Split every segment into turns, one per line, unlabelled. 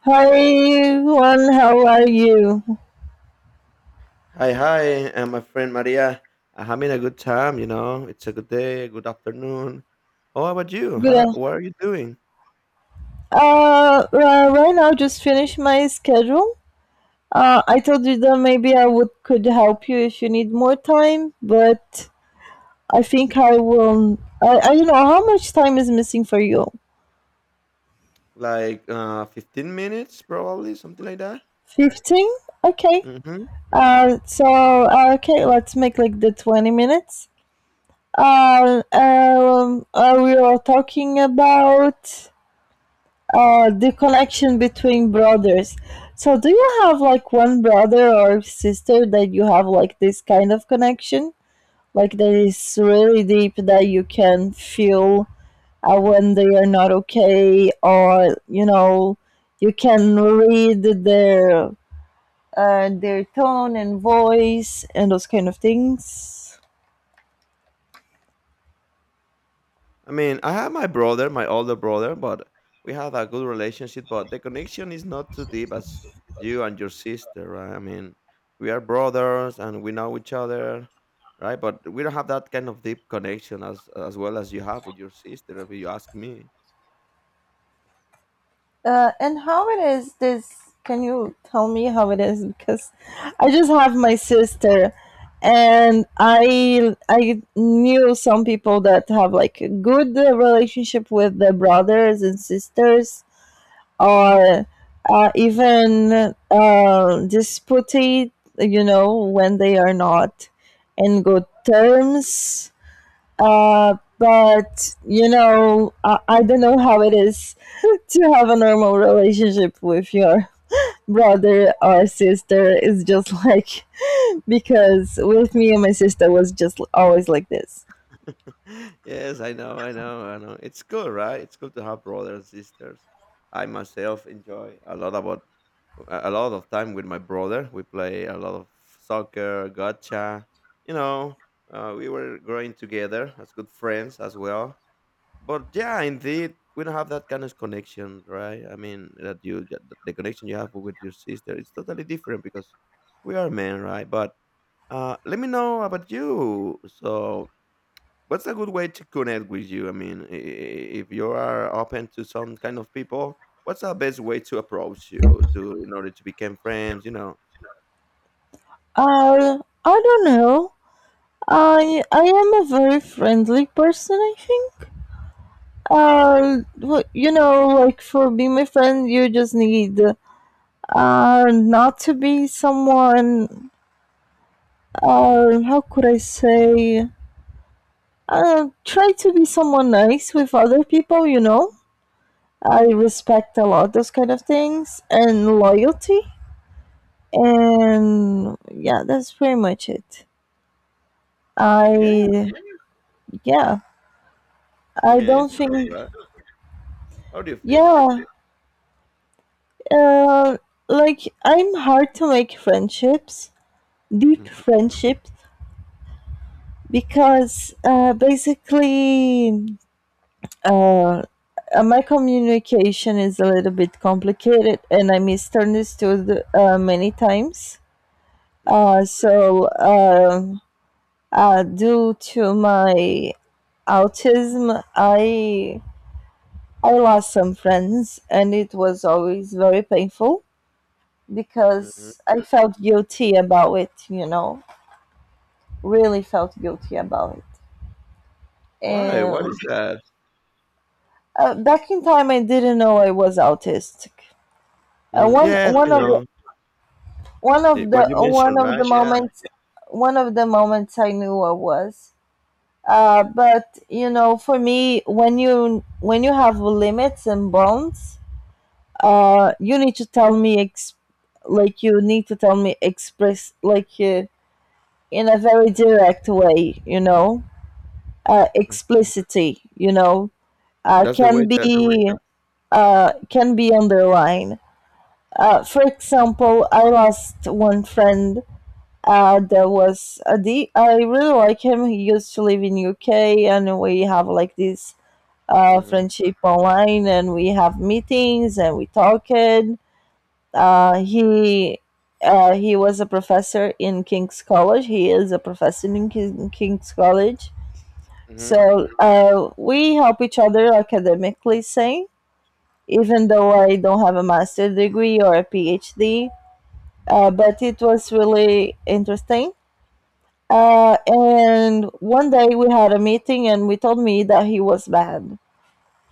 Hi everyone, how are you?
Hi, hi, and my friend Maria. I'm having a good time, you know. It's a good day, good afternoon. How about you?
Good.
How
af-
what are you doing?
Right now just finished my schedule. I told you that maybe I would could help you if you need more time, but I think I will. I don't know how much time is missing for you.
Like 15 minutes probably, something like that.
15. Okay.
Mhm.
Okay, let's make like the 20 minutes. We are talking about the connection between brothers. So, do you have like one brother or sister that you have like this kind of connection? Like that is really deep that you can feel when they are not okay, or you know, you can read their tone and voice and those kind of things.
I mean, I have my brother, my older brother, but we have a good relationship, but the connection is not too deep as you and your sister, right? I mean, we are brothers and we know each other, right? But we don't have that kind of deep connection as well as you have with your sister, if you ask me.
And how it is this? Can you tell me how it is? Because I just have my sister, and I knew some people that have like a good relationship with their brothers and sisters, or even disputed, you know, when they are not in good terms. But you know, I don't know how it is to have a normal relationship with your brother or sister is just like because with me and my sister was just always like this.
Yes, I know, I know, I know. It's cool, right? It's cool to have brothers and sisters. I myself enjoy a lot about a lot of time with my brother. We play a lot of soccer, gotcha. You know, we were growing together as good friends as well. But yeah, indeed, we don't have that kind of connection, right? I mean, that you that the connection you have with your sister, it's totally different because we are men, right? But let me know about you. So what's a good way to connect with you? I mean, if you are open to some kind of people, what's the best way to approach you to in order to become friends? You know,
Uh, I don't know. I am a very friendly person. I think. Uh, you know, like for being my friend, you just need not to be someone. How could I say? Try to be someone nice with other people. You know I respect a lot those kind of things and loyalty. And yeah, that's pretty much it.
mm, yeah.
I yeah,
I
I
mean,
don't
it's good,
think
right? How do you feel?
yeah, uh, like I'm hard to make friendships, deep
Hmm.
friendships, because basically uh, my communication is a little bit complicated and I misunderstood many times.
Hmm.
Uh, so um due to my autism, I lost some friends, and it was always very painful
Hmm.
because I felt guilty about it. You know, really felt guilty about it.
Why? What
And
is that?
back in time, I didn't know I was autistic.
Mm,
One
yes, I
one of the,
know.
one of
It-
the
what you
one
mentioned,
of the
right? Yeah,
moments one of the moments I knew I was. But you know, for me, when you have limits and bounds, you need to tell me like you need to tell me express like in a very direct way, you know,
mhm.
explicitly, you know, uh
That's the way
can
that.
be can be underlined. For example, I lost one friend. There was a D- I really like him. He used to live in UK, and we have like this
Hmm.
friendship online, and we have meetings and we talk it. Uh, he he was a professor in King's College. He is a professor in King's College.
Hmm.
So we help each other academically, say, even though I don't have a master's degree or a PhD.
Hmm.
But it was really interesting. And one day we had a meeting, and we told me that he was bad.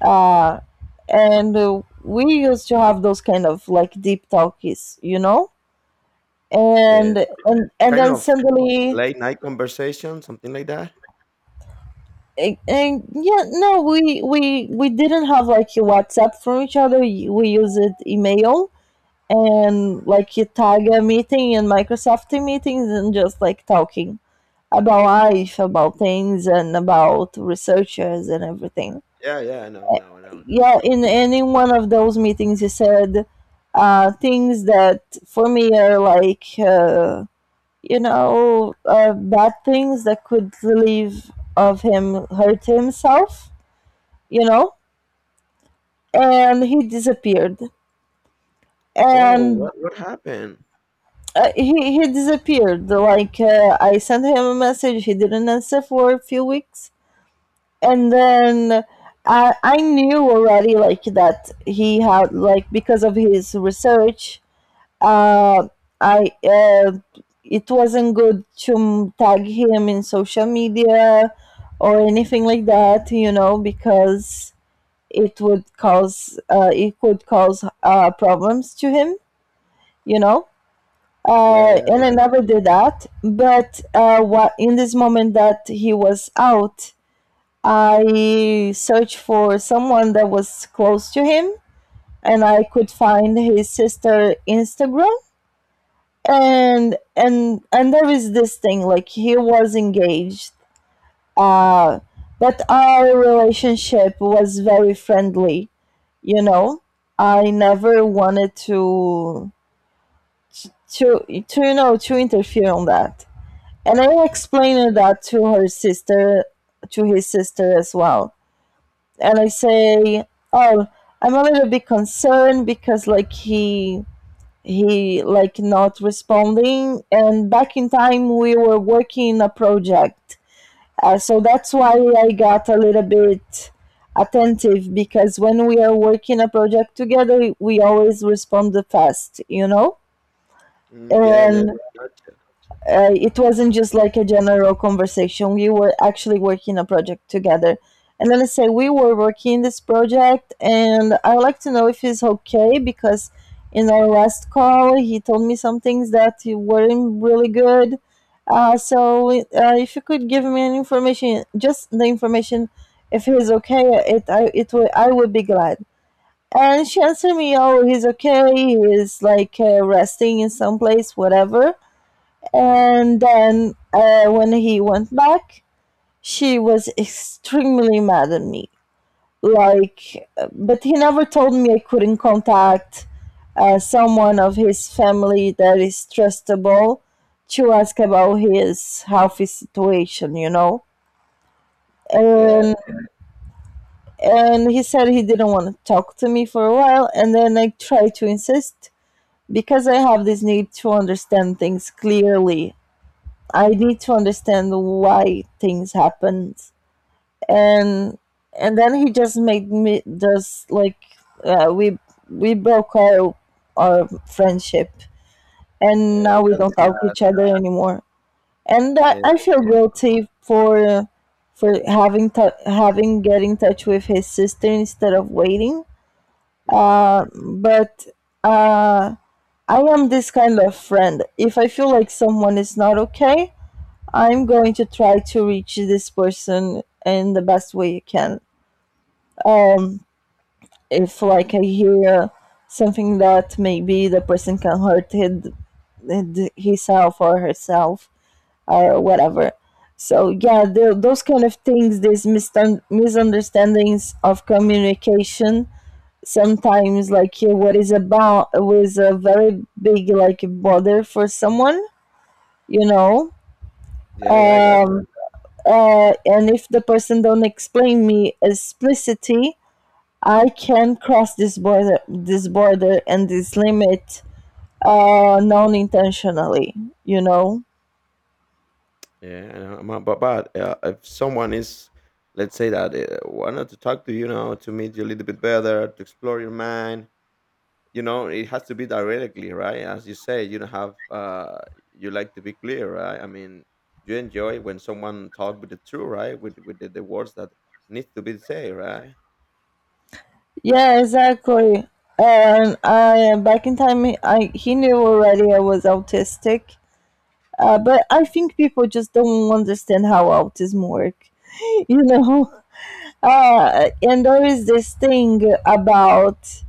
Uh, and We used to have those kind of like deep talkies, you know?
Yeah,
And
kind
then
of
suddenly
late night conversation, something like that.
and yeah, no, we didn't have like a WhatsApp from each other. We used email, and like a tag a meeting and Microsoft Team meetings, and just like talking about life, about things, and about researchers and everything.
Yeah, yeah, I know, I know, I know. I know.
Yeah, in any one of those meetings he said things that for me are like bad things that could relieve of him hurt himself, you know, and he disappeared.
Oh,
And
what happened?
uh, he he disappeared. Like I sent him a message, he didn't answer for a few weeks, and then I knew already like that he had like because of his research, uh, I it wasn't good to tag him in social media or anything like that, you know, because it would cause it could cause problems to him, you know.
Yeah,
And I never did that. But What in this moment that he was out, I searched for someone that was close to him, and I could find his sister Instagram. And there is this thing like he was engaged, uh but our relationship was very friendly, you know. I never wanted to you know, to interfere on that, and I
mm,
explained
yeah.
that to her sister, to his sister as well. And I say, oh, I'm a little bit concerned because like he like not responding, and back in time we were working a project. So that's why I got a little bit attentive, because when we are working a project together we always respond fast, you know.
Mm, yeah, yeah,
And
gotcha.
It wasn't just like a general conversation. We were actually working a project together. And then I say, we were working this project, and I would like to know if he's okay because in our last call, he told me some things that weren't really good. Uh, so if you could give me an information, just the information, if he's okay, it would I would be glad. And she answered me, oh, he's okay. He's like resting in some place, whatever. And then when he went back, she was extremely mad at me. But he never told me I couldn't contact someone of his family that is trustable, to ask about his healthy situation, you know.
Yeah,
And and he said he didn't want to talk to me for a while, and then I tried to insist because I have this need to understand things clearly. I need to understand why things happened, and and then he just made me just like uh, we we broke our friendship, and
eh,
now we
that's
don't talk
not
each other anymore. And I,
yeah,
I
I
feel
know, I know.
guilty for having get in touch with his sister instead of waiting,
Mhm.
but uh, I am this kind of friend. If I feel like someone is not okay, I'm going to try to reach this person in the best way I can. Um, if like I hear something that maybe the person can himself or herself or whatever. So yeah, those kind of things, these misunderstandings of communication, sometimes like yeah, what is about was a very big like bother for someone, you know.
Yeah, yeah, I gotcha.
Um, and if the person don't explain me explicitly, I can cross this border, and this limit, non-intentionally, you know.
Yeah, I know. Ma but, if someone is, let's say that, wanted to talk to you now, to meet you a little bit better, to explore your mind, you know, it has to be directly, right? As you say, you don't have, you like to be clear, right? I mean, you enjoy when someone talk with the truth, right? With the words that needs to be said, right?
Yeah, exactly. And I back in time I he knew already I was autistic. But I think people just don't understand how autism work you know. And there is this thing about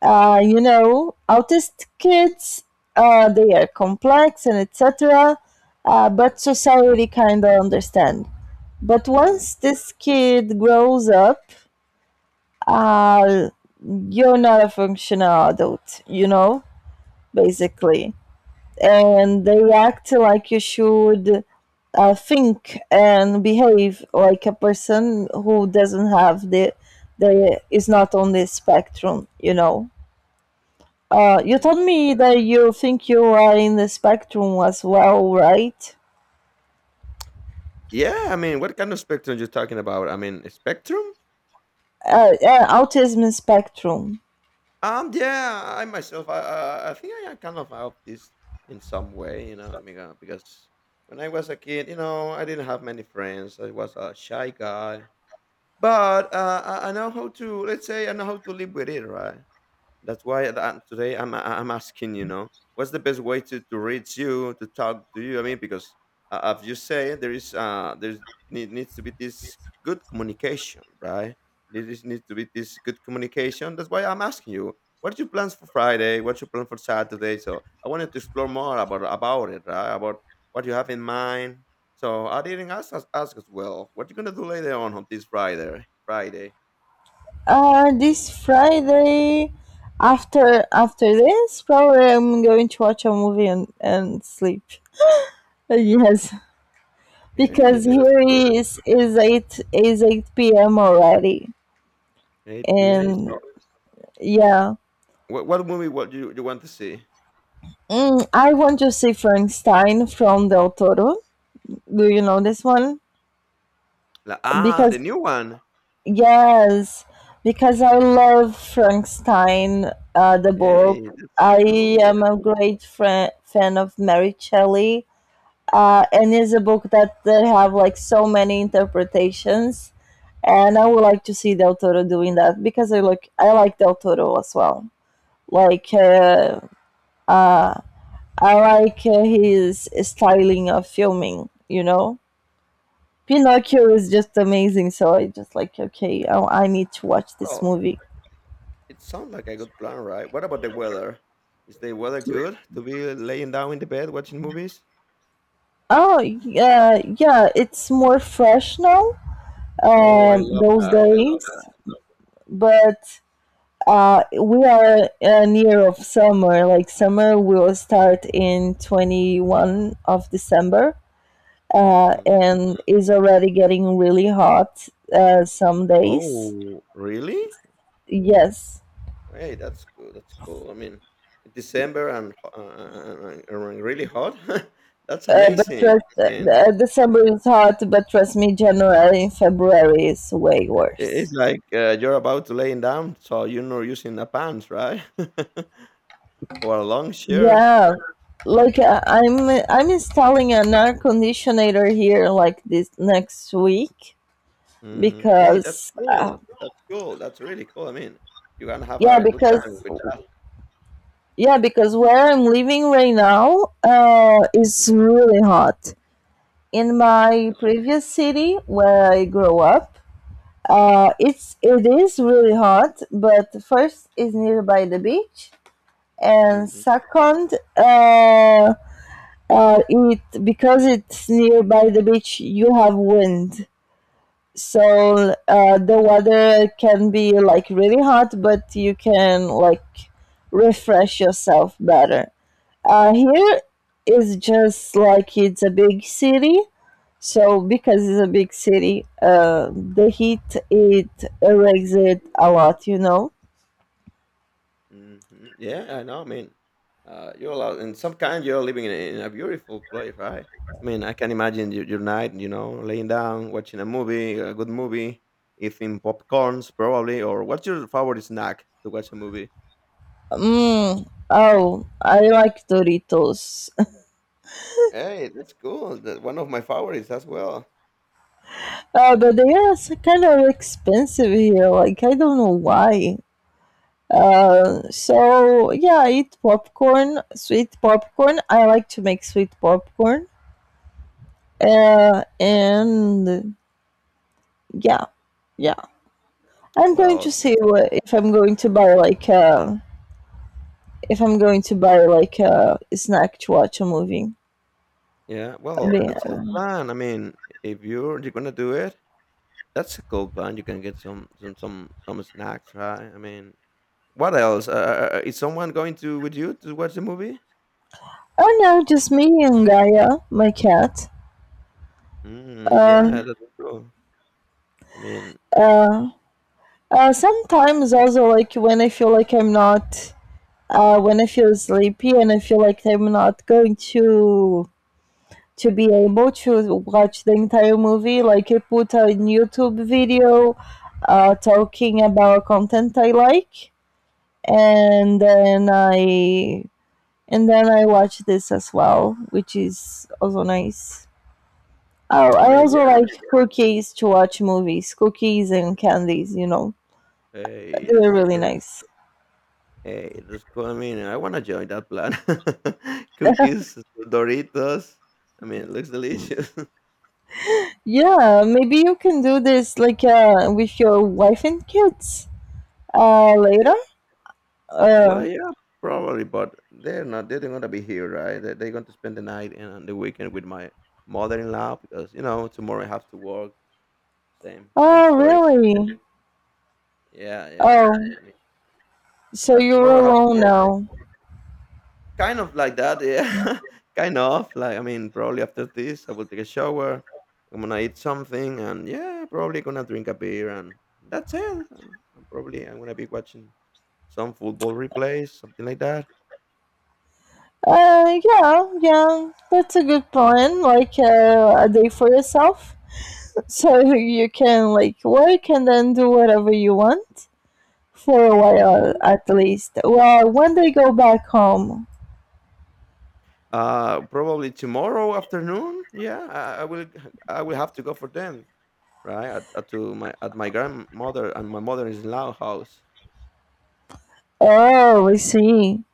you know, autistic kids, they are complex and etc.
Mm,
But society kind of understand. But
mm,
once this kid grows up, uh, you're not a functional adult, you know, basically. And they act like you should think and behave like a person who doesn't have the is not on this spectrum, you know. You
mhm.
told me that you think you are in the spectrum as well, right?
Yeah, I mean, what kind of spectrum you're talking about? I mean, spectrum?
Yeah, autism spectrum.
Yeah, I myself, I think I am kind of out this in some way, you know, I because when I was a kid, you know, I didn't have many friends. I was a shy guy, but I know how to, let's say, I know how to live with it, right? That's why that today I'm asking, you know, what's the best way to reach you, to talk to you? I mean, because as you say, there is there needs to be this good communication, right? There is needs to be this good communication. That's why I'm asking you, what are your plans for Friday? What's your plan for Saturday? So I wanted to explore more about it, right? About what you have in mind. So I didn't ask us ask as well. What you gonna do later on this Friday? Friday.
This Friday, after after this, probably I'm going to watch a movie and sleep. Yes,
Hey,
because
that's
here
good.
is eight p.m. already,
8 p.m.
and
so.
yeah,
What movie would you you want to see?
mm, I want to see Frankenstein from Del Toro. Do you know this one?
Like, ah,
Because
the new one.
yes, because I love Frankenstein, the book.
Hey, that's
I
cool.
am a great fri fan of Mary Shelley, and it's a book that they have like so many interpretations, and I would like to see Del Toro doing that because I like Del Toro as well. Like uh, I like his styling of filming, you know. Pinocchio is just amazing, so I just like okay, I need to watch this
Well,
movie.
it sounds like a good plan, right? What about the weather? Is the weather good to be laying down in the bed watching movies?
Oh, yeah, yeah, it's more fresh now,
Oh, I love
those
that. I love
days, but we are near of summer. Like summer will start in 21st of December,
that. Hmm.
and is already getting really hot some days.
Oh, really?
Yes.
Hey, that's good. That's cool. I mean, in December and really hot. That's amazing, man.
December is hot, but trust me, January and February is way
I-
worse.
It's like you're about to laying down, so you're not using the pants, right? Or a long shirt.
Yeah, like I'm installing an air conditioner here like this next week
Mhm. Hey, that's
because
cool. That's cool. That's really cool. I mean, you're gonna have
yeah
a good
because
time with that.
yeah because where I'm living right now is really hot. In
Oh my.
my previous city where I grew up, it is really hot. But first is nearby the beach, and
Mhm,
second, it because it's nearby the beach you have wind, so the weather can be like really hot but you can like refresh yourself better. Uh, here is just like it's a big city, so because it's a big city the heat it erects it a lot you know
mhm. Yeah, I know. I mean, you're allowed in some kind. You're living in a beautiful place, right? I mean, I can imagine your night. You know, laying down, watching a movie, a good movie, eating popcorns probably. Or what's your favorite snack to watch a movie?
mm, Oh, I like doritos.
Hey, that's cool. That one of my favorites as well.
But they are kind of expensive here. Like I don't know why. So yeah, I eat popcorn, sweet popcorn. I like to make sweet popcorn. And yeah, yeah. I'm going to
Well,
see what, if I'm going to buy like if I'm going to buy like a snack to watch a movie.
yeah,
I
well,
mean,
that's a good
uh,
plan. I mean, if you're gonna do it, that's a cool plan. You can get some snacks, right? I mean, what else? Is someone going to with you to watch the movie?
oh no, just me and Gaia, my cat.
Mm, yeah,
Um,
that's cool. I mean,
Sometimes also like when I feel like I'm not, when I feel sleepy and I feel like I'm not going to be able to watch the entire movie. Like I put a YouTube video talking about content I like, and then I and then I watch this as well, which is also nice. Oh,
I
I
mean, yeah.
also like cookies to watch movies, cookies and candies.
Hey,
They're
that's
really
cool.
nice.
Hey, that's cool. I mean, I wanna join that plan. Cookies, Doritos. I mean, it looks delicious.
Yeah, maybe you can do this like with your wife and kids. Later? Uh,
Well, yeah, probably, but they're not gonna be here, right? They're going to spend the night and on the weekend with my mother-in-law because, you know, tomorrow I have to work. Same same
oh,
story.
really?
Yeah, yeah.
Oh,
I mean,
so you're
tomorrow I have to
alone
work like
now?
kind of like that, yeah. Kind of. Like, I mean, probably after this, I will take a shower. I'm gonna eat something and yeah, probably gonna drink a beer and that's it. I'm gonna be watching some football replays, something like that.
Yeah, yeah. That's a good plan. Like a day for yourself, so you can like work and then do whatever you want for a while
Mhm.
at least. Well, when they go back home.
Probably tomorrow afternoon. Yeah, I will. I will have to go for them, right? At to my at my grandmother and my mother-in-law house.
Oh, I see.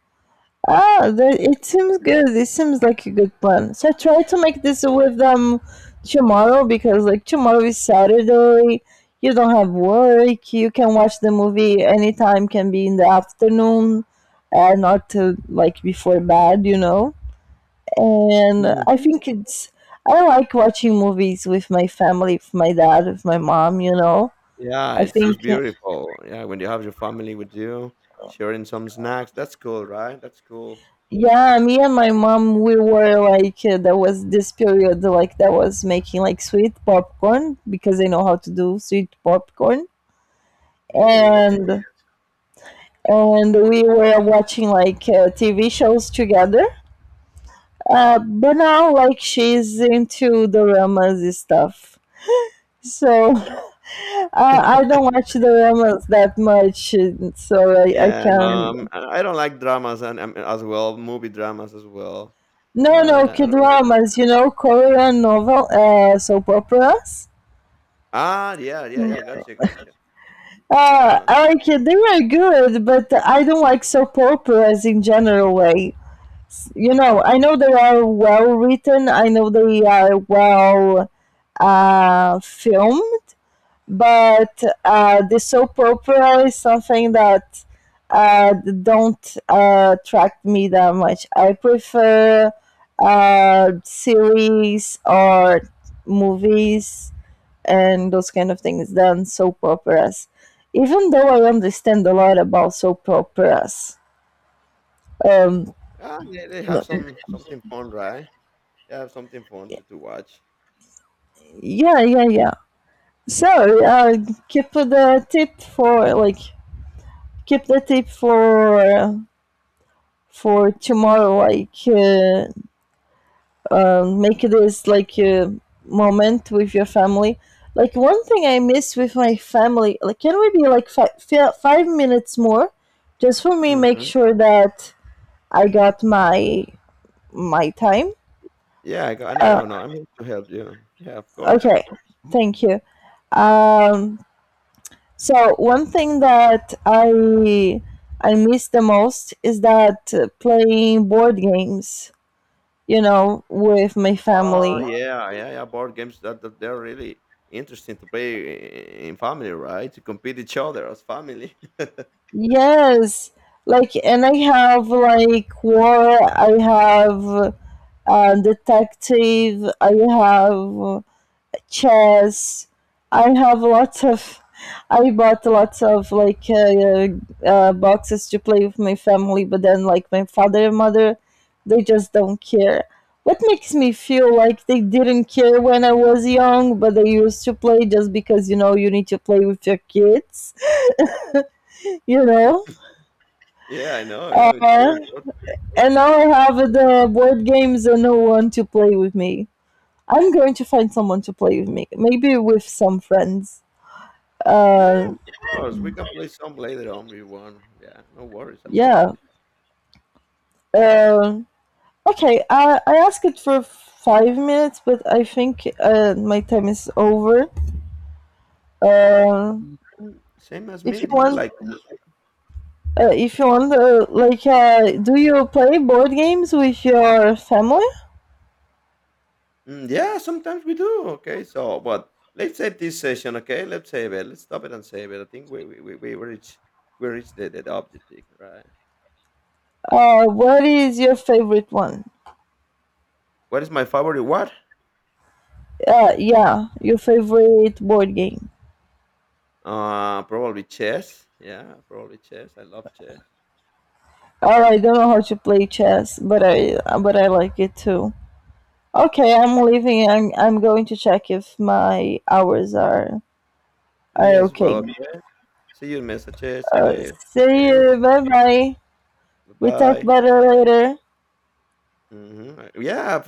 Ah, that,
Yeah,
it seems good. It seems like a good plan. So I try to make this with them tomorrow because like tomorrow is Saturday. You don't have work. You can watch the movie anytime. Can be in the afternoon, and not to, like before bed. You know. And I
mhm.
think it's. I like watching movies with my family, with my dad, with my mom. You know.
Yeah,
I think.
it's beautiful. Yeah, when you have your family with you, sharing some snacks. That's cool, right? That's cool.
Yeah, me and my mom, we were like, there was this period like that was making like sweet popcorn because I know how to do sweet popcorn,
Hey, that's
and
cool.
we were watching like TV shows together. But now like she's into the dramas stuff, so I don't watch the dramas that much, and so I
Yeah, and
can.
I don't like dramas and as well, movie dramas as well.
No,
Yeah,
no, K
I don't like.
dramas, you know, Korean novel, soap operas.
Ah, yeah, yeah, yeah. Gotcha, gotcha. Yeah,
Like they were good, but I don't like soap operas in general way. You know, I know they are well written. I know they are well, filmed, but the soap opera is something that uh, don't attract me that much. I prefer series or movies and those kind of things than soap operas. Even though I understand a lot about soap operas. Um,
ah, they have some something fun, right? I have something fun to watch.
yeah, yeah, yeah. So keep the tip for like keep the tip for tomorrow. Like make this like a moment with your family. Like one thing I miss with my family. Like can we be like 5 minutes more, just for me make
Mhm.
sure that I got my time.
Yeah, I got no,
Uh,
no, no. I'm here to help you. Yeah, of course.
okay, thank you. Um, so one thing that I miss the most is that playing board games, you know, with my
Oh
family.
yeah, yeah, yeah. Board games that, that they're really interesting to play in family, right? To compete each other as family.
Yes, like, and I have like war, I have detective, I have chess. I have lots of. I bought lots of like boxes to play with my family, but then like my father and mother, they just don't care. What makes me feel like they didn't care when I was young, but they used to play just because you know you need to play with your kids, you know.
Yeah, I know, I know. It's very
Uh,
important.
and now I have the board games and no one to play with me. I'm going to find someone to play with me, maybe with some friends.
Yeah,
Uh,
of course. We can play some later on. We want. Yeah, no worries about
Yeah.
it.
Um, okay. I asked it for 5 minutes, but I think my time is over. Uh,
Mhm. Same as me.
if you
It looks
want,
like
do you play board games with your family?
mm, yeah, sometimes we do. Okay, so but let's save this session. Okay, let's save it. Let's stop it and save it. I think we reach the objective, right?
What is your favorite one?
What is my favorite? What?
Yeah, your favorite board game.
Probably chess. Yeah, probably chess. I love chess.
Oh, I don't know how to play chess, but I like it too. Okay, I'm leaving. I'm going to check if my hours are
Me as
okay.
well. See you in messages.
Uh,
Okay. Thank
See
you.
you. Bye bye.
Bye
We talk
bye.
better later.
Hmm. Yeah,